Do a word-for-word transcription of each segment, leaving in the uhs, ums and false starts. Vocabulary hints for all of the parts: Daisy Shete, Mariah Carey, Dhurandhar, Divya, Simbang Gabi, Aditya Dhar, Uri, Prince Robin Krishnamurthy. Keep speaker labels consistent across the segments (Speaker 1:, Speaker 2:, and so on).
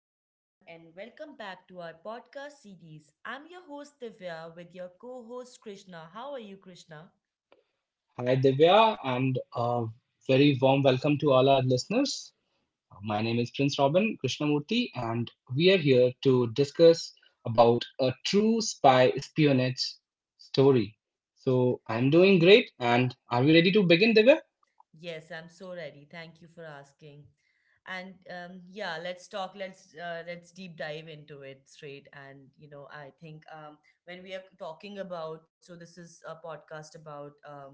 Speaker 1: everyone, and welcome back to our podcast series. I'm your host, Divya, with your co host, Krishna. How are you, Krishna?
Speaker 2: Hi, Divya, and a very warm welcome to all our listeners. My name is Prince Robin Krishnamurthy, and we are here to discuss about a true spy espionage story. So I'm doing great, and are we ready to begin, Divya?
Speaker 1: Yes, I'm so ready. Thank you for asking. And um, yeah, let's talk. Let's uh, let's deep dive into it straight. And you know, I think, um, when we are talking about, so this is a podcast about um,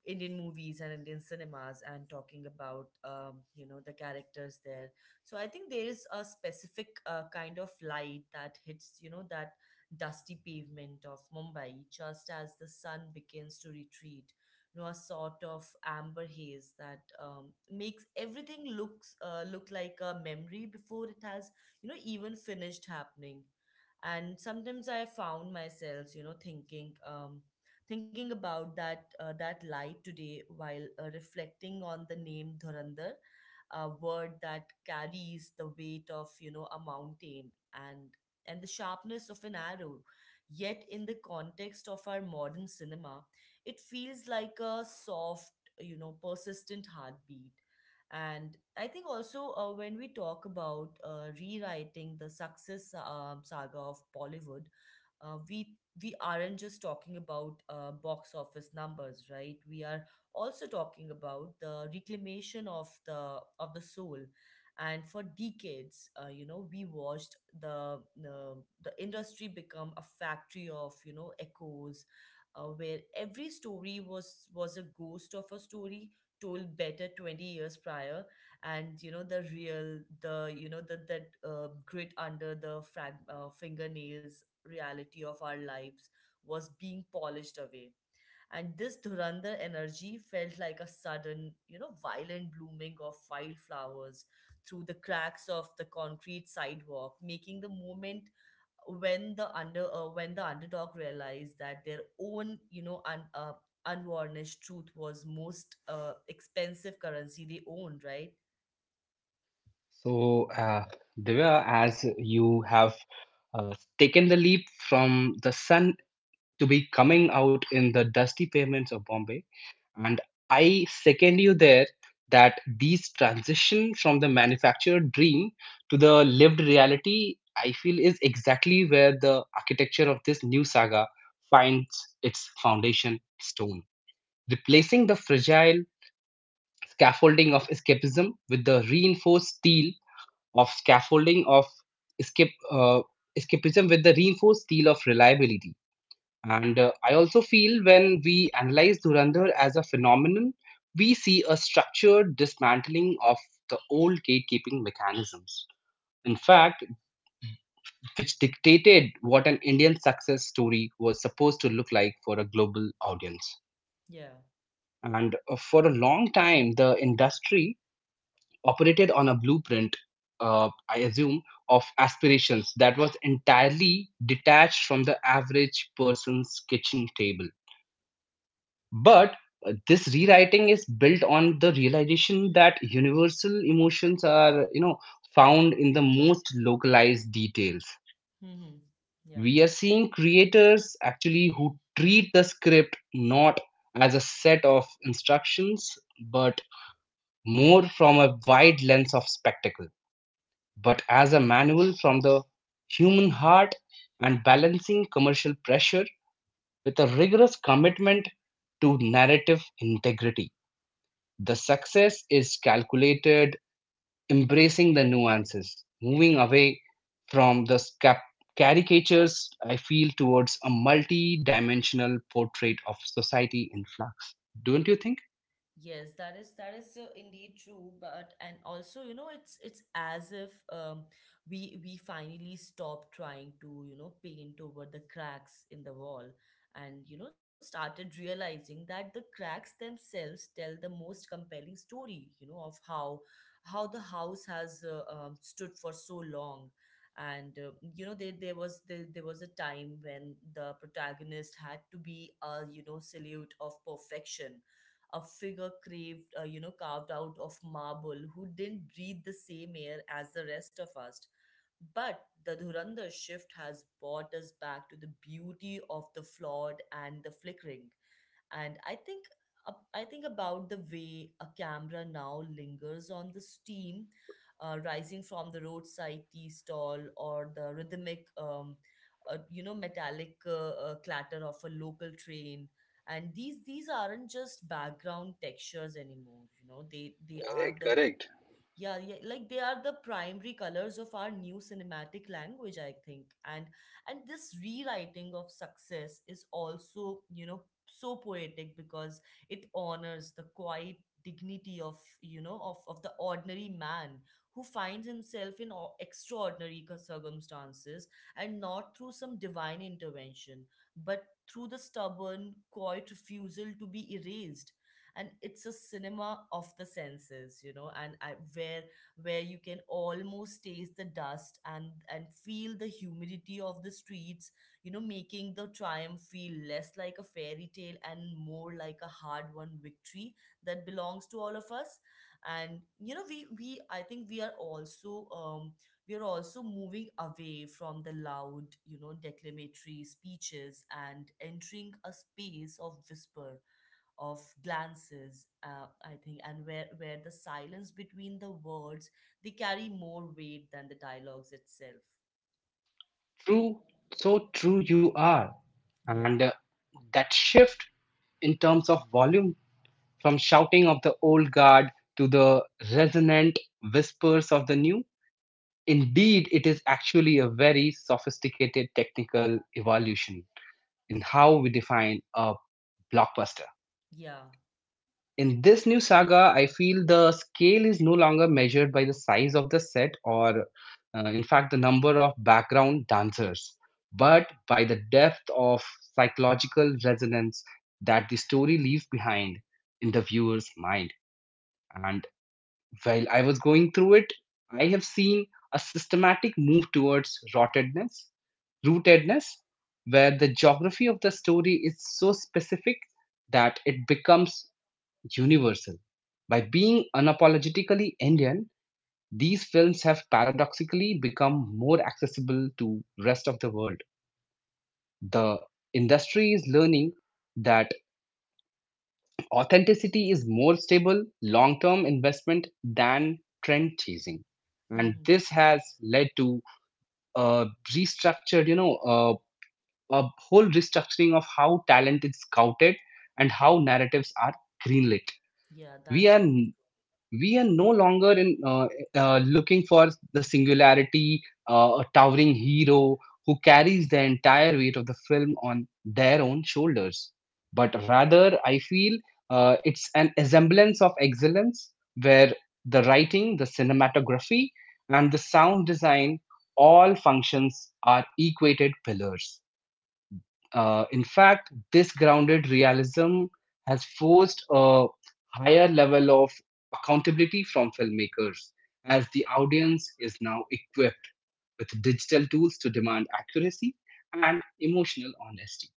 Speaker 1: Indian movies and Indian cinemas, and talking about um, you know the characters there. So I think there is a specific uh, kind of light that hits you know that dusty pavement of Mumbai just as the sun begins to retreat, you know a sort of amber haze that um, makes everything looks uh, look like a memory before it has you know even finished happening. And sometimes I found myself you know thinking um, thinking about that uh, that light today, while uh, reflecting on the name Dhurandhar, a word that carries the weight of you know a mountain and and the sharpness of an arrow. Yet in the context of our modern cinema, it feels like a soft, you know, persistent heartbeat. And I think also uh, when we talk about uh, rewriting the success um, saga of Bollywood, uh, we we aren't just talking about uh, box office numbers, right? We are also talking about the reclamation of the of the soul. And for decades, uh, you know, we watched the uh, the industry become a factory of you know echoes, uh, where every story was was a ghost of a story told better twenty years prior. And you know the real, the you know that that uh, grit under the frag- uh, fingernails reality of our lives was being polished away. And this Dhurandhar energy felt like a sudden, you know, violent blooming of wildflowers through the cracks of the concrete sidewalk, making the moment when the under uh, when the underdog realized that their own you know un, uh, unvarnished truth was most uh, expensive currency they owned, right?
Speaker 2: So, uh, Divya, as you have uh, taken the leap from the sun to be coming out in the dusty pavements of Bombay, and I second you there that these transition from the manufactured dream to the lived reality, I feel is exactly where the architecture of this new saga finds its foundation stone, replacing the fragile scaffolding of escapism with the reinforced steel of scaffolding of escape uh, escapism with the reinforced steel of reliability. And uh, I also feel when we analyze Dhurandhar as a phenomenon, we see a structured dismantling of the old gatekeeping mechanisms. In fact, which dictated what an Indian success story was supposed to look like for a global audience.
Speaker 1: Yeah.
Speaker 2: And uh, for a long time, the industry operated on a blueprint, uh, I assume, of aspirations that was entirely detached from the average person's kitchen table. But uh, this rewriting is built on the realization that universal emotions are, you know, found in the most localized details.
Speaker 1: Hmm. Yeah.
Speaker 2: We are seeing creators actually who treat the script not as a set of instructions, but more from a wide lens of spectacle, but as a manual from the human heart and balancing commercial pressure with a rigorous commitment to narrative integrity. The success is calculated, embracing the nuances, moving away from the scap- caricatures, I feel, towards a multi dimensional portrait of society in flux. Don't you think?
Speaker 1: Yes, that is that is uh, indeed true, but and also you know it's it's as if um, we we finally stop trying to you know paint over the cracks in the wall. And you know started realizing that the cracks themselves tell the most compelling story, you know of how how the house has uh, um, stood for so long. And uh, you know there there was there, there was a time when the protagonist had to be a you know salute of perfection, a figure craved, uh, you know, carved out of marble, who didn't breathe the same air as the rest of us. But the Dhurandhar shift has brought us back to the beauty of the flawed and the flickering. And i think ab- I think about the way a camera now lingers on the steam uh, rising from the roadside tea stall, or the rhythmic um, uh, you know metallic uh, uh, clatter of a local train. And these these aren't just background textures anymore, you know they they are
Speaker 2: Correct,
Speaker 1: the—
Speaker 2: correct.
Speaker 1: Yeah, yeah, like they are the primary colors of our new cinematic language, I think. And and this rewriting of success is also, you know, so poetic, because it honors the quiet dignity of, you know, of, of the ordinary man who finds himself in o- extraordinary cir- circumstances, and not through some divine intervention, but through the stubborn, quiet refusal to be erased. And it's a cinema of the senses, you know and I, where where you can almost taste the dust and and feel the humidity of the streets, you know making the triumph feel less like a fairy tale and more like a hard won victory that belongs to all of us. And you know we we I think we are also um we are also moving away from the loud, you know declamatory speeches, and entering a space of whisper, of glances, uh, I think, and where, where the silence between the words, they carry more weight than the dialogues itself.
Speaker 2: True, so true you are. And
Speaker 1: Yeah,
Speaker 2: uh, that shift in terms of volume from shouting of the old guard to the resonant whispers of the new, indeed, it is actually a very sophisticated technical evolution in how we define a blockbuster.
Speaker 1: yeah.
Speaker 2: In this new saga, I feel the scale is no longer measured by the size of the set or, uh, in fact, the number of background dancers, but by the depth of psychological resonance that the story leaves behind in the viewer's mind. And while I was going through it, I have seen a systematic move towards rottedness, rootedness, where the geography of the story is so specific that it becomes universal. By being unapologetically Indian, these films have paradoxically become more accessible to rest of the world. The industry is learning that authenticity is more stable long-term investment than trend chasing. And
Speaker 1: Hmm.
Speaker 2: this has led to a restructured, you know, uh, a whole restructuring of how talent is scouted and how narratives are greenlit.
Speaker 1: Yeah,
Speaker 2: We
Speaker 1: that's.
Speaker 2: are we are no longer in uh, uh, looking for the singularity, uh, a towering hero who carries the entire weight of the film on their own shoulders, but rather I feel uh, it's an semblance of excellence where the writing, the cinematography, and the sound design all functions are equated pillars. Uh, in fact, this grounded realism has forced a higher level of accountability from filmmakers, as the audience is now equipped with digital tools to demand accuracy and emotional honesty.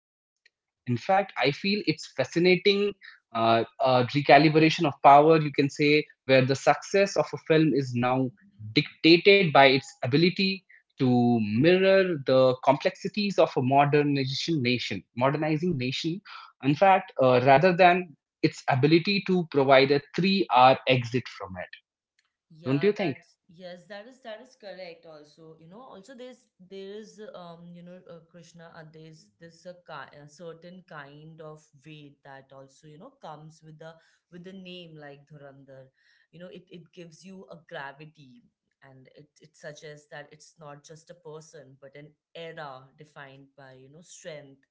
Speaker 2: In fact, I feel it's fascinating uh, uh, recalibration of power, you can say, where the success of a film is now dictated by its ability to mirror the complexities of a modernization nation, modernizing nation. In fact, uh, rather than its ability to provide a three-hour exit from it, don't
Speaker 1: Yeah,
Speaker 2: you think?
Speaker 1: that's yes, that is that is correct also. You know, also, there's there is um, you know, uh, Krishna, uh, there's this a, ki- a certain kind of weight that also, you know, comes with the with the name like Dhurandhar. You know, it it gives you a gravity, and it it suggests that it's not just a person but an era defined by, you know, strength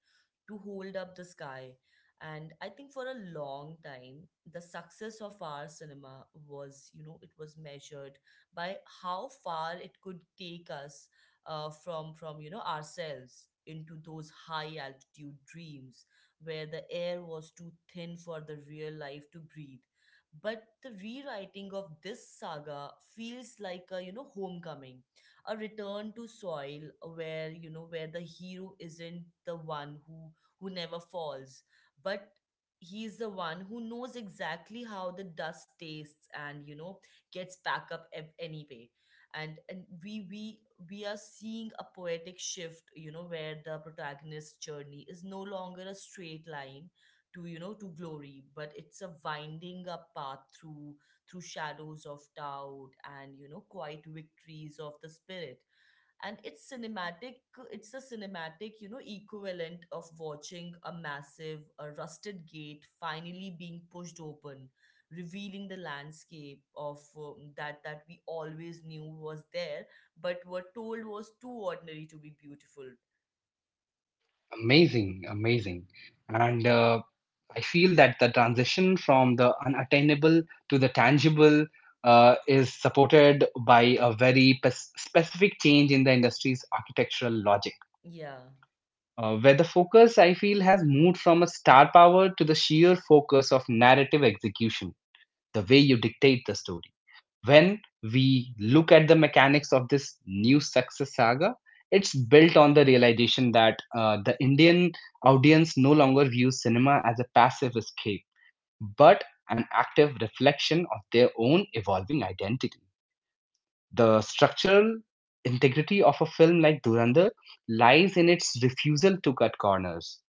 Speaker 1: to hold up the sky. And I think, for a long time, the success of our cinema was, you know, it was measured by how far it could take us uh, from, from, you know, ourselves into those high altitude dreams, where the air was too thin for the real life to breathe. But the rewriting of this saga feels like a, you know, homecoming, a return to soil, where you know where the hero isn't the one who who never falls, but he's the one who knows exactly how the dust tastes, and you know gets back up ev- anyway. And and we we we are seeing a poetic shift, you know where the protagonist's journey is no longer a straight line to, you know to glory, but it's a winding up path through through shadows of doubt, and you know quiet victories of the spirit. And it's cinematic it's a cinematic, you know equivalent of watching a massive, a rusted gate finally being pushed open, revealing the landscape of, um, that that we always knew was there, but were told was too ordinary to be beautiful.
Speaker 2: Amazing, amazing. And uh, I feel that the transition from the unattainable to the tangible uh, is supported by a very pes- specific change in the industry's architectural logic.
Speaker 1: Yeah.
Speaker 2: Uh, where the focus, I feel, has moved from a star power to the sheer focus of narrative execution, the way you dictate the story when we look at the mechanics of this new success saga, it's built on the realization that uh, the Indian audience no longer views cinema as a passive escape, but an active reflection of their own evolving identity. The structural integrity of a film like Durandar lies in its refusal to cut corners,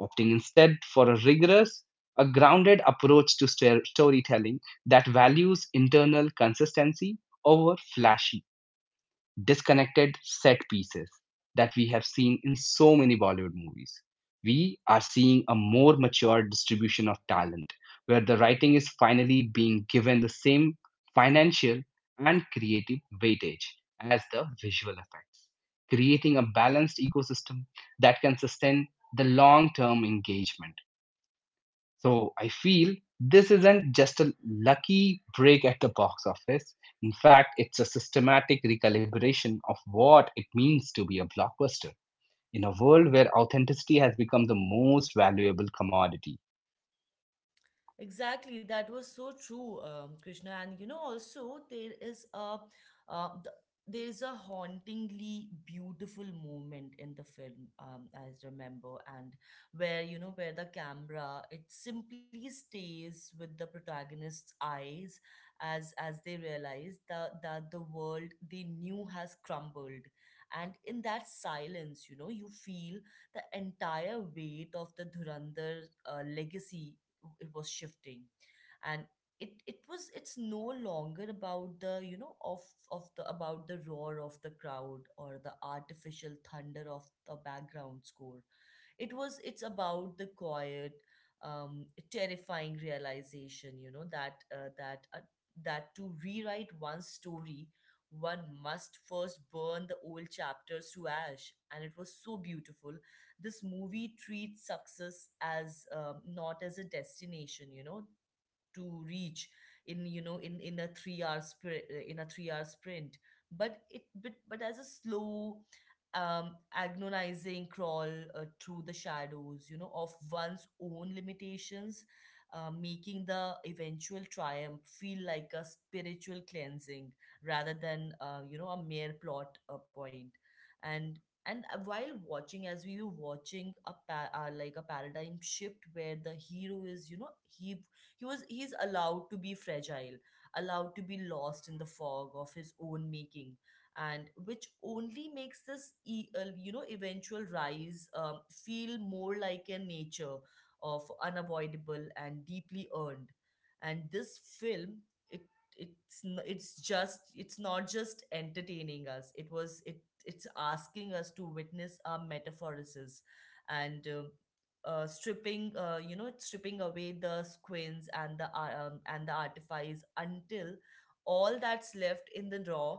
Speaker 2: opting instead for a rigorous, a grounded approach to stor- storytelling that values internal consistency over flashy disconnected set pieces that we have seen in so many Bollywood movies. We are seeing a more mature distribution of talent where the writing is finally being given the same financial and creative weightage as the visual effects, creating a balanced ecosystem that can sustain the long term engagement. So I feel this isn't just a lucky break at the box office. In fact, it's a systematic recalibration of what it means to be a blockbuster in a world where authenticity has become the most valuable commodity.
Speaker 1: Exactly, that was so true, um, Krishna. And you know, also there is a uh, th- there is a hauntingly beautiful moment in the film, um, I remember, and where you know where the camera it simply stays with the protagonist's eyes, as as they realize that that the world they knew has crumbled. And in that silence, you know, you feel the entire weight of the Dhurandhar uh, legacy, it was shifting. And it it was it's no longer about the you know of of the about the roar of the crowd, or the artificial thunder of the background score. It was it's about the quiet, um, terrifying realization, you know that uh, that uh, that to rewrite one's story, one must first burn the old chapters to ash. And it was so beautiful. This movie treats success as um, not as a destination you know to reach in you know in in a three hour sprint, in a three hour sprint but it but, but as a slow, um agonizing crawl uh, through the shadows you know of one's own limitations, uh, making the eventual triumph feel like a spiritual cleansing, rather than uh, you know a mere plot uh, point. And and uh, while watching, as we were watching a pa- uh, like a paradigm shift where the hero is, you know he he was he's allowed to be fragile, allowed to be lost in the fog of his own making, and which only makes this e- uh, you know eventual rise um, feel more like a nature of unavoidable and deeply earned. And this film, it it's n- it's just it's not just entertaining us, it was it it's asking us to witness our metaphorises, and um, uh, stripping uh, you know stripping away the squins, and the ar- um, and the artifice, until all that's left in the raw,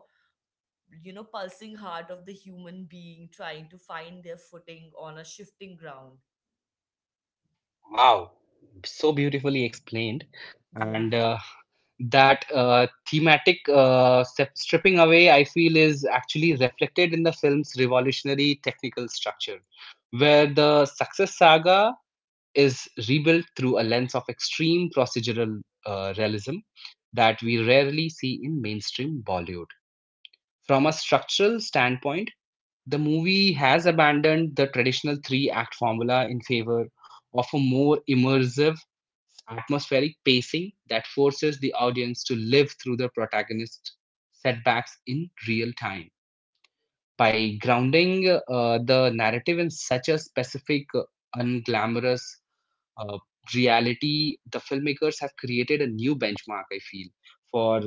Speaker 1: you know pulsing heart of the human being trying to find their footing on a shifting ground.
Speaker 2: Wow, so beautifully explained.
Speaker 1: Yeah.
Speaker 2: And uh, that uh, thematic uh, step- stripping away, I feel, is actually reflected in the film's revolutionary technical structure, where the success saga is rebuilt through a lens of extreme procedural uh, realism that we rarely see in mainstream Bollywood. From a structural standpoint, the movie has abandoned the traditional three act formula in favor of a more immersive, atmospheric pacing that forces the audience to live through the protagonist's setbacks in real time. By grounding uh, the narrative in such a specific, uh, unglamorous uh, reality, the filmmakers have created a new benchmark, I feel, for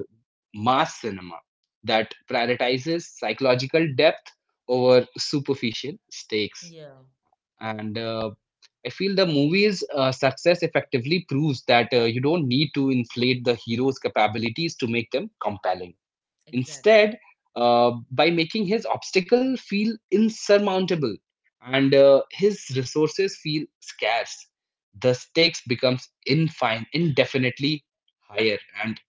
Speaker 2: mass cinema that prioritizes psychological depth over superficial stakes.
Speaker 1: Yeah,
Speaker 2: And uh, I feel the movie's uh, success effectively proves that uh, you don't need to inflate the hero's capabilities to make them compelling.
Speaker 1: exactly.
Speaker 2: Instead, uh, by making his obstacle feel insurmountable and uh, his resources feel scarce, the stakes becomes infine, indefinitely higher. And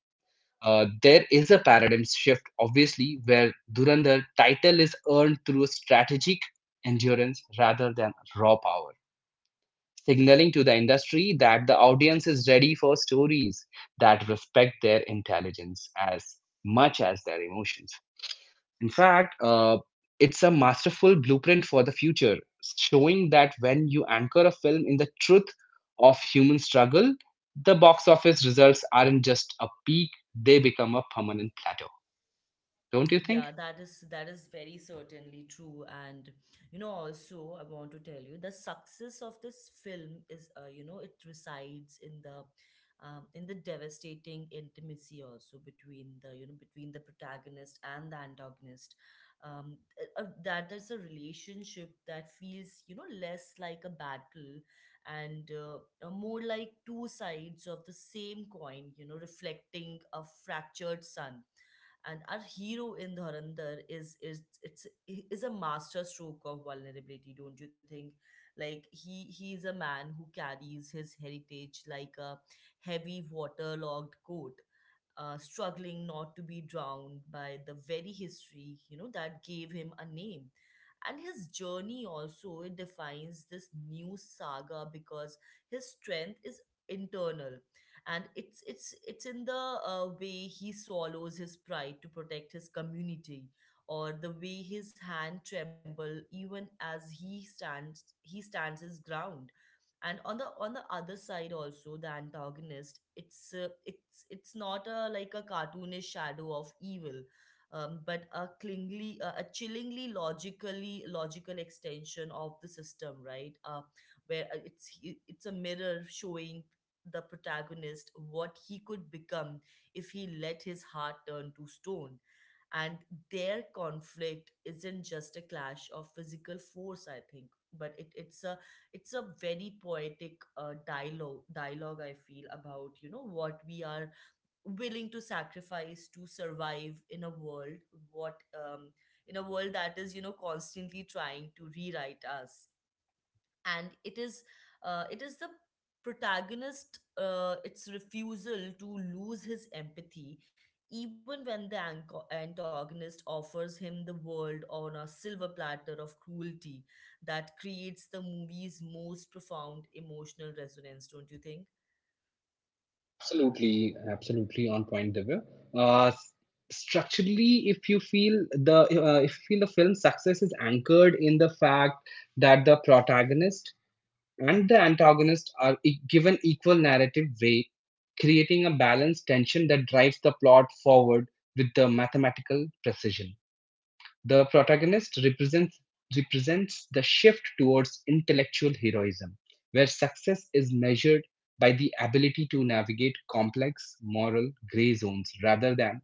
Speaker 2: uh, there is a paradigm shift, obviously, where Durandar title is earned through strategic endurance rather than raw power, signaling to the industry that the audience is ready for stories that respect their intelligence as much as their emotions. In fact, uh, it's a masterful blueprint for the future, showing that when you anchor a film in the truth of human struggle, the box office results aren't just a peak, they become a permanent plateau. Don't you
Speaker 1: Yeah,
Speaker 2: think?
Speaker 1: that is that is very certainly true. And you know, also I want to tell you, the success of this film is uh, you know, it resides in the um, in the devastating intimacy also between the you know between the protagonist and the antagonist. Um, uh, uh, that there's a relationship that feels, you know less like a battle, and uh, uh, more like two sides of the same coin. You know, reflecting a fractured sun. And our hero in Dhurandhar is is it's is a master stroke of vulnerability, don't you think? Like he he is a man who carries his heritage like a heavy waterlogged coat, uh, struggling not to be drowned by the very history, you know, that gave him a name. And his journey also, it defines this new saga, because his strength is internal, and it's it's it's in the uh, way he swallows his pride to protect his community, or the way his hand tremble even as he stands he stands his ground. And on the on the other side also, the antagonist, it's uh, it's it's not a like a cartoonish shadow of evil, um, but a clingly uh, a a chillingly logically logical extension of the system, right? Uh, where uh, it's he- it's a mirror showing the protagonist what he could become if he let his heart turn to stone. And their conflict isn't just a clash of physical force, I think, but it, it's a it's a very poetic uh, dialogue dialogue, I feel, about, you know, what we are willing to sacrifice to survive in a world what um, in a world that is, you know, constantly trying to rewrite us. And it is uh, it is the protagonist, uh, its refusal to lose his empathy, even when the anco- antagonist offers him the world on a silver platter of cruelty, that creates the movie's most profound emotional resonance, don't you think?
Speaker 2: Absolutely, absolutely on point, Divya. Uh, s- Structurally, if you feel the uh, if you feel the film's success is anchored in the fact that the protagonist and the antagonist are e- given equal narrative weight, creating a balanced tension that drives the plot forward with the mathematical precision. The protagonist represents represents the shift towards intellectual heroism, where success is measured by the ability to navigate complex moral gray zones rather than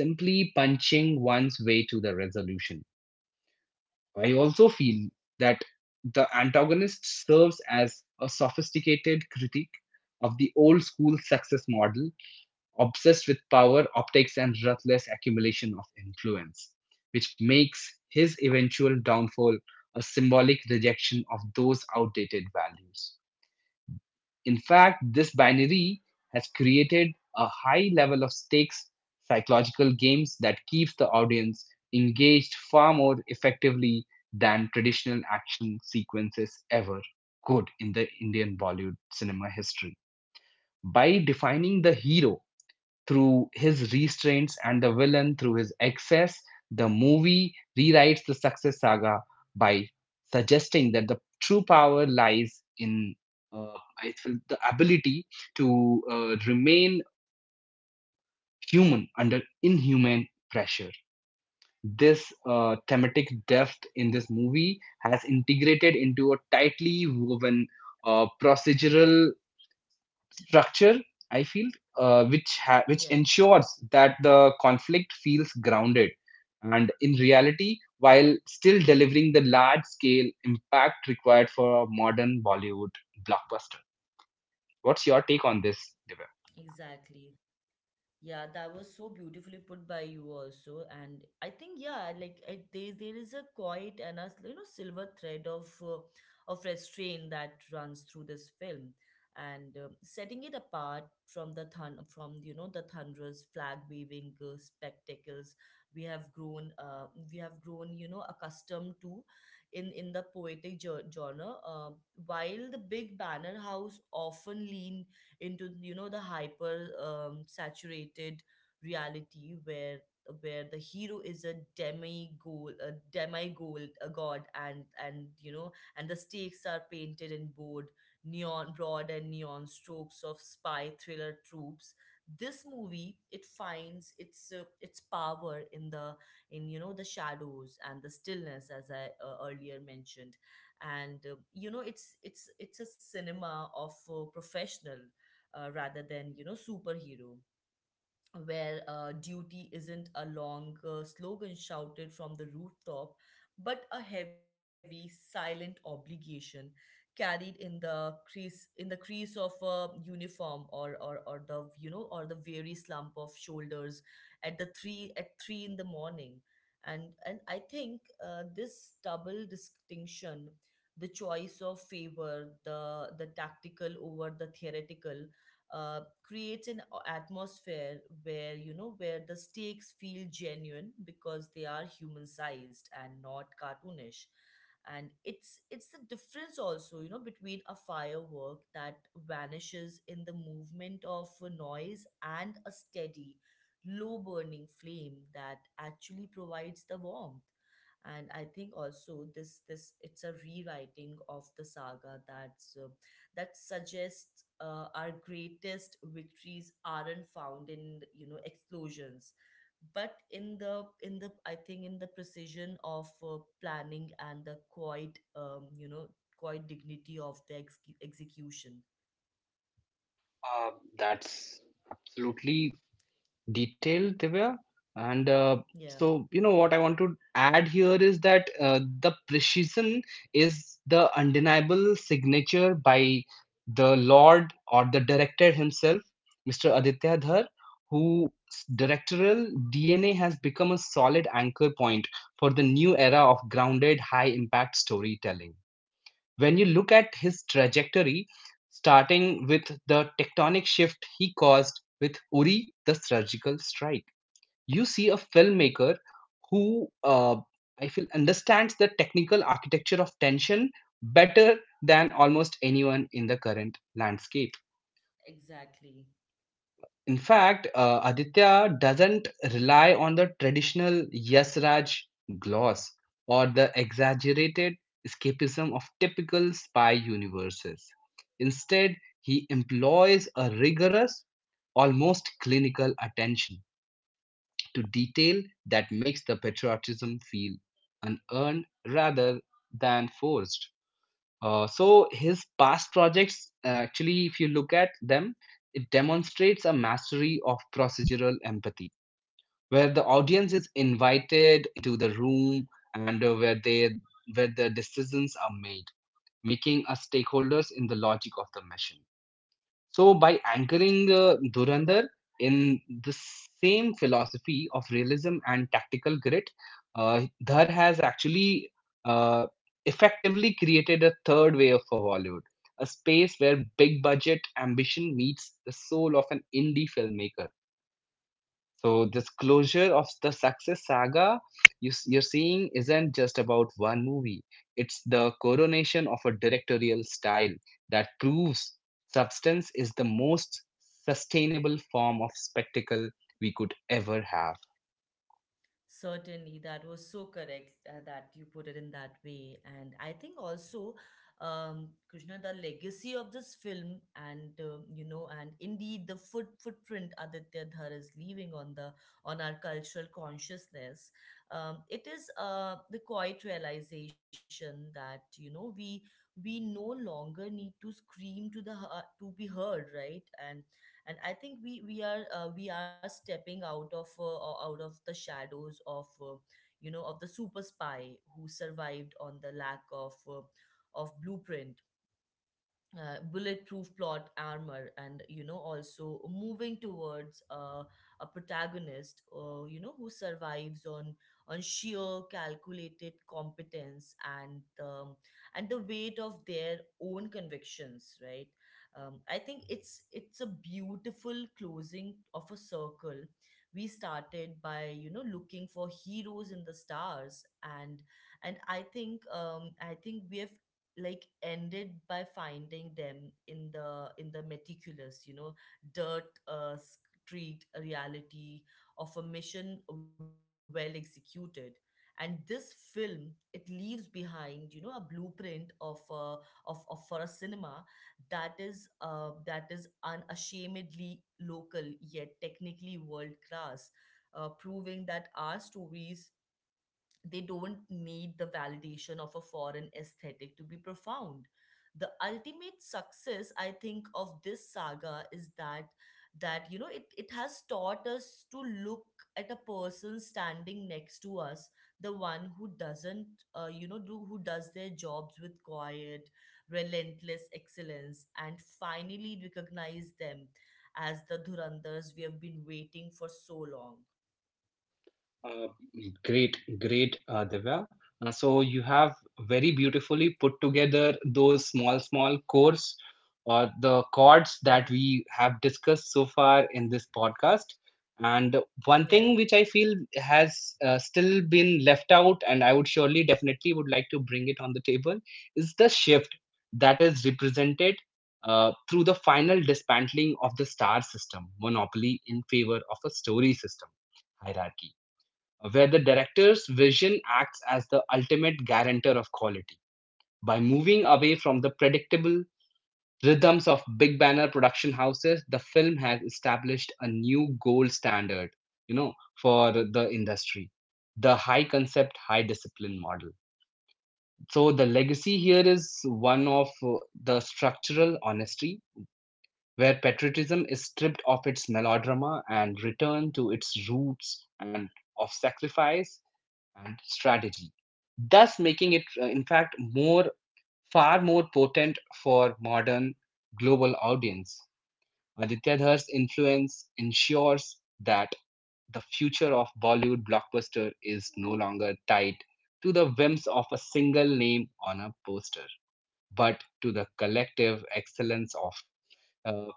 Speaker 2: simply punching one's way to the resolution. I also feel that the antagonist serves as a sophisticated critique of the old school success model, obsessed with power, optics, and ruthless accumulation of influence, which makes his eventual downfall a symbolic rejection of those outdated values. In fact, this binary has created a high level of stakes psychological games that keeps the audience engaged far more effectively than traditional action sequences ever could in the Indian Bollywood cinema history. By defining the hero through his restraints and the villain through his excess, the movie rewrites the success saga by suggesting that the true power lies in uh, I feel the ability to uh, remain human under inhuman pressure. This uh, thematic depth in this movie has integrated into a tightly woven uh, procedural structure, I feel, uh, which ha- which
Speaker 1: Yeah.
Speaker 2: ensures that the conflict feels grounded and in reality, while
Speaker 1: Hmm.
Speaker 2: still delivering the large scale impact required for a modern bollywood blockbuster. What's your take on this, Divya?
Speaker 1: Exactly. Yeah, that was so beautifully put by you also, and I think, yeah, like, it, there there is a quiet and a, you know, silver thread of uh, of restraint that runs through this film, and um setting it apart from the thun- from you know, the thunderous, flag waving uh, spectacles we have grown, uh, we have grown you know, accustomed to in in the poetic jo- genre, uh, while the big banner house often leaned into, you know, the hyper um, saturated reality where where the hero is a demi gold a demi gold a god, and and, you know, and the stakes are painted in bold neon, broad and neon strokes of spy thriller tropes. This movie, it finds its uh, its power in the, in you know, the shadows and the stillness, as I uh, earlier mentioned. And uh, you know, it's it's it's a cinema of uh, professional, uh, rather than, you know, superhero, where uh, duty isn't a long, uh, slogan shouted from the rooftop, but a heavy silent obligation carried in the crease, in the crease of a uniform, or or or the you know or the weary slump of shoulders at the 3 at three in the morning. And and I think, uh, this double distinction, the choice of favor the the tactical over the theoretical, uh, creates an a- atmosphere where, you know, where the stakes feel genuine because they are human sized and not cartoonish. And it's it's the difference, also, you know, between a firework that vanishes in the movement of a noise and a steady low burning flame that actually provides the warmth. And I think also, this this, it's a rewriting of the saga that's uh, that suggests, uh, our greatest victories aren't found in, you know, explosions, but in the, in the I think, in the precision of uh, planning and the quiet, um, you know, quiet dignity of the ex- execution.
Speaker 2: Uh, that's absolutely detailed, Divya. And uh,
Speaker 1: Yeah.
Speaker 2: so, you know, what I want to add here is that uh, the precision is the undeniable signature by the Lord or the director himself, Mister Aditya Dhar, whose directorial D N A has become a solid anchor point for the new era of grounded, high impact storytelling when you look at his trajectory, starting with the tectonic shift he caused with Uri, the surgical strike. You see a filmmaker who, uh, I feel, understands the technical architecture of tension better than almost anyone in the current landscape.
Speaker 1: Exactly.
Speaker 2: In fact, uh, Aditya doesn't rely on the traditional yes Raj gloss or the exaggerated escapism of typical spy universes. Instead, he employs a rigorous, almost clinical attention to detail that makes the patriotism feel unearned rather than forced. Uh, so his past projects, uh, actually, if you look at them, it demonstrates a mastery of procedural empathy, where the audience is invited into the room and uh, where they where the decisions are made, making us stakeholders in the logic of the machine. So by anchoring uh, Dhurandhar in the same philosophy of realism and tactical grit, uh, Dhar has actually uh, effectively created a third way for Bollywood, a space where big budget ambition meets the soul of an indie filmmaker, so this closure of the success saga you, s- you're seeing isn't just about one movie. It's the coronation of a directorial style that proves substance is the most sustainable form of spectacle we could ever have.
Speaker 1: Certainly, that was so correct, uh, that you put it in that way. And I think also, um, Krishna, the legacy of this film, and, um, you know, and indeed the foot footprint Aditya Dhar is leaving on the, on our cultural consciousness, um, it is, uh, the quiet realization that, you know, we we no longer need to scream to the hea- to be heard, right? And and I think we we are uh, we are stepping out of uh, o- out of the shadows of, uh, you know, of the super spy who survived on the lack of, uh, of blueprint, uh, bulletproof plot armor, and, you know, also moving towards, uh, a protagonist, uh, you know, who survives on on sheer calculated competence, and, um, and the weight of their own convictions, right. um, I think it's it's a beautiful closing of a circle. We started by, you know, looking for heroes in the stars, and and I think, um, i think we have, like, ended by finding them in the, in the meticulous, you know, dirt, uh, street reality of a mission well executed. And this film, it leaves behind, you know, a blueprint of, uh, of, of for a cinema that is, uh, that is unashamedly local yet technically world class uh, proving that our stories, they don't need the validation of a foreign aesthetic to be profound. The ultimate success, I think, of this saga is that that, you know, it, it has taught us to look at a person standing next to us, the one who doesn't uh, you know do who does their jobs with quiet, relentless excellence, and finally recognize them as the Dhurandhars we have been waiting for so long.
Speaker 2: Uh, great, great, uh, Divya. Uh, so you have very beautifully put together those small, small chords or the chords
Speaker 1: Yeah.
Speaker 2: that we have discussed so far in this podcast. And
Speaker 1: Yeah.
Speaker 2: one thing which I feel has uh, still been left out, and I would surely, definitely would like to bring it on the table, is the shift that is represented uh, through the final dismantling of the star system monopoly in favor of a story system hierarchy where the director's vision acts as the ultimate guarantor of quality. By moving away from the predictable rhythms of big banner production houses, the film has established a new gold standard, you know, for the industry. The high concept, high discipline model. So the legacy here is one of uh, the structural honesty, where patriotism is stripped of its melodrama and returned to its roots and of sacrifice and strategy, thus making it, uh, in fact, more far more potent for modern global audience. Aditya Dhar's influence ensures that the future of Bollywood blockbuster is no longer tied to the whims of a single name on a poster, but to the collective excellence of uh,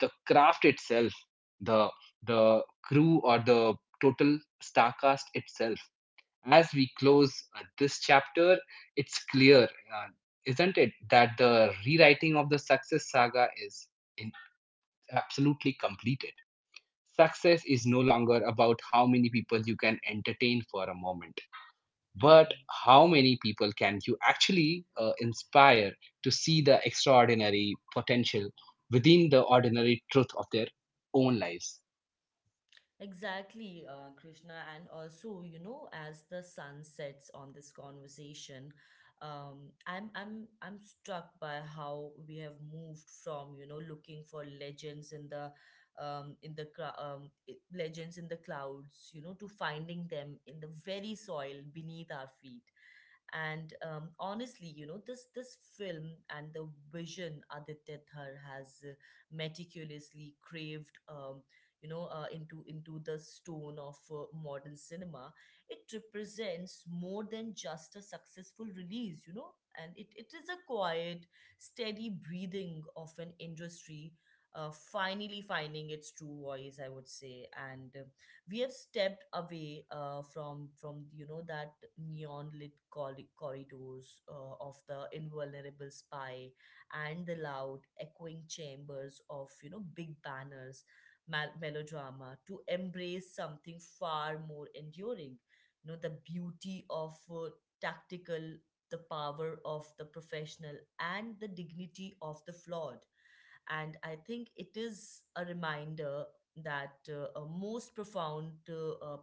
Speaker 2: the craft itself, the the crew or the total star cast itself as we close uh, this chapter, it's clear, uh, isn't it, that the rewriting of the success saga is in- absolutely completed. Success is no longer about how many people you can entertain for a moment,
Speaker 1: Yeah.
Speaker 2: but how many people can you actually uh, inspire to see the extraordinary potential within the ordinary truth of their own lives.
Speaker 1: Exactly, uh, Krishna. And also, you know, as the sun sets on this conversation, um, I'm I'm I'm struck by how we have moved from, you know, looking for legends in the, um, in the cra- um, i- legends in the clouds, you know, to finding them in the very soil beneath our feet. And, um, honestly, you know, this this film and the vision Aditya Thar has uh, meticulously craved, um, you know, uh, into into the stone of uh, modern cinema, it represents more than just a successful release, you know. And it, it is a quiet, steady breathing of an industry, uh, finally finding its true voice, I would say. And, uh, we have stepped away, uh, from from you know, that neon lit corri- corridors, uh, of the invulnerable spy and the loud echoing chambers of, you know, big banners mal- melodrama, to embrace something far more enduring, you know, the beauty of, uh, tactical, the power of the professional, and the dignity of the flawed. And I think it is a reminder that, uh, a most profound, uh, uh,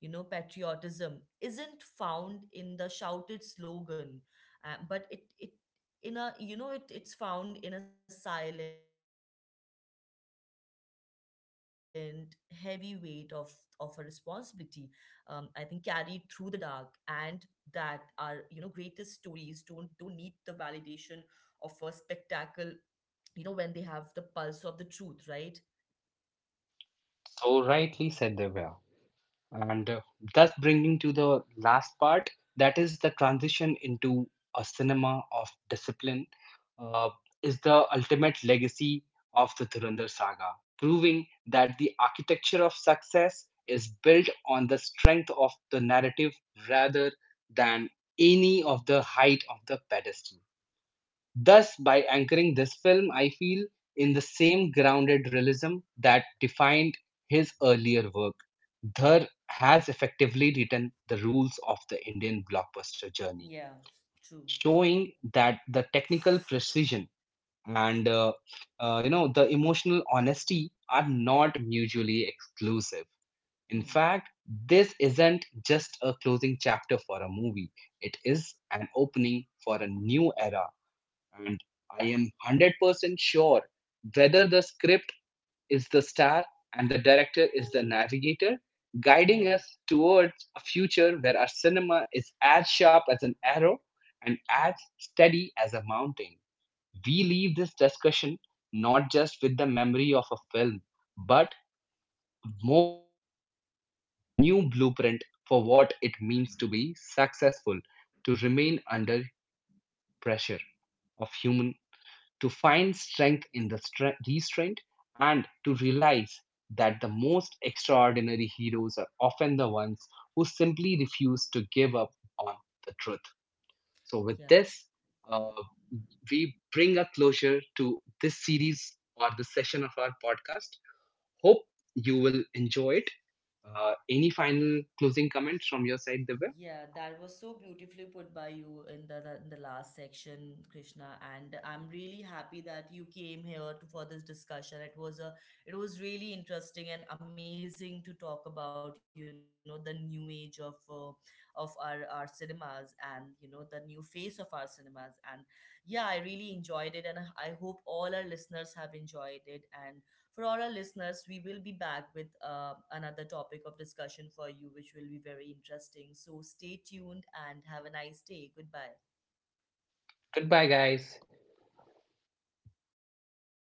Speaker 1: you know, patriotism isn't found in the shouted slogan, uh, but it it in a, you know, it it's found in a silent, heavy weight of of a responsibility. Um, I think, carried through the dark, and that our, you know, greatest stories don't don't need the validation of a spectacle, you know, when they have the pulse of the truth, right?
Speaker 2: So rightly said, Divya. And uh, thus bringing to the last part, that is the transition into a cinema of discipline, uh, is the ultimate legacy of the Dhurandhar saga, proving that the architecture of success is built on the strength of the narrative rather than any of the height of the pedestal. Thus, by anchoring this film, I feel in the same grounded realism that defined his earlier work, Dhar has effectively written the rules of the Indian blockbuster journey,
Speaker 1: Yeah, true.
Speaker 2: showing that the technical precision and uh, uh, you know the emotional honesty are not mutually exclusive. In
Speaker 1: Hmm.
Speaker 2: fact, this isn't just a closing chapter for a movie; it is an opening for a new era and I am one hundred percent sure whether the script is the star and the director is the navigator,
Speaker 1: Yeah.
Speaker 2: guiding us towards a future where our cinema is as sharp as an arrow and
Speaker 1: Hmm.
Speaker 2: as steady as a mountain. We leave this discussion not just with the memory of a film, but more than that is a new blueprint for what it means to be successful, to remain under pressure of human to find strength in the stre- restraint and to realize that the most extraordinary heroes are often the ones who simply refuse to give up on the truth. So, with
Speaker 1: Yeah.
Speaker 2: this, uh, we bring a closure to this series or the session of our podcast. Hope
Speaker 1: Yeah.
Speaker 2: you will enjoy it. Uh, any final closing comments from your side, Divya?
Speaker 1: Yeah, that was so beautifully put by you in the, the in the last section, Krishna. And I'm really happy that you came here to, for this discussion. It was a it was really interesting and amazing to talk about, you know, the new age of, uh, of our our cinemas, and, you know, the new face of our cinemas. And, yeah, I really enjoyed it, and I I hope all our listeners have enjoyed it. And for all our listeners, we will be back with, uh, another topic of discussion for you, which will be very interesting. So stay tuned, and have a nice day. Goodbye.
Speaker 2: Goodbye, guys.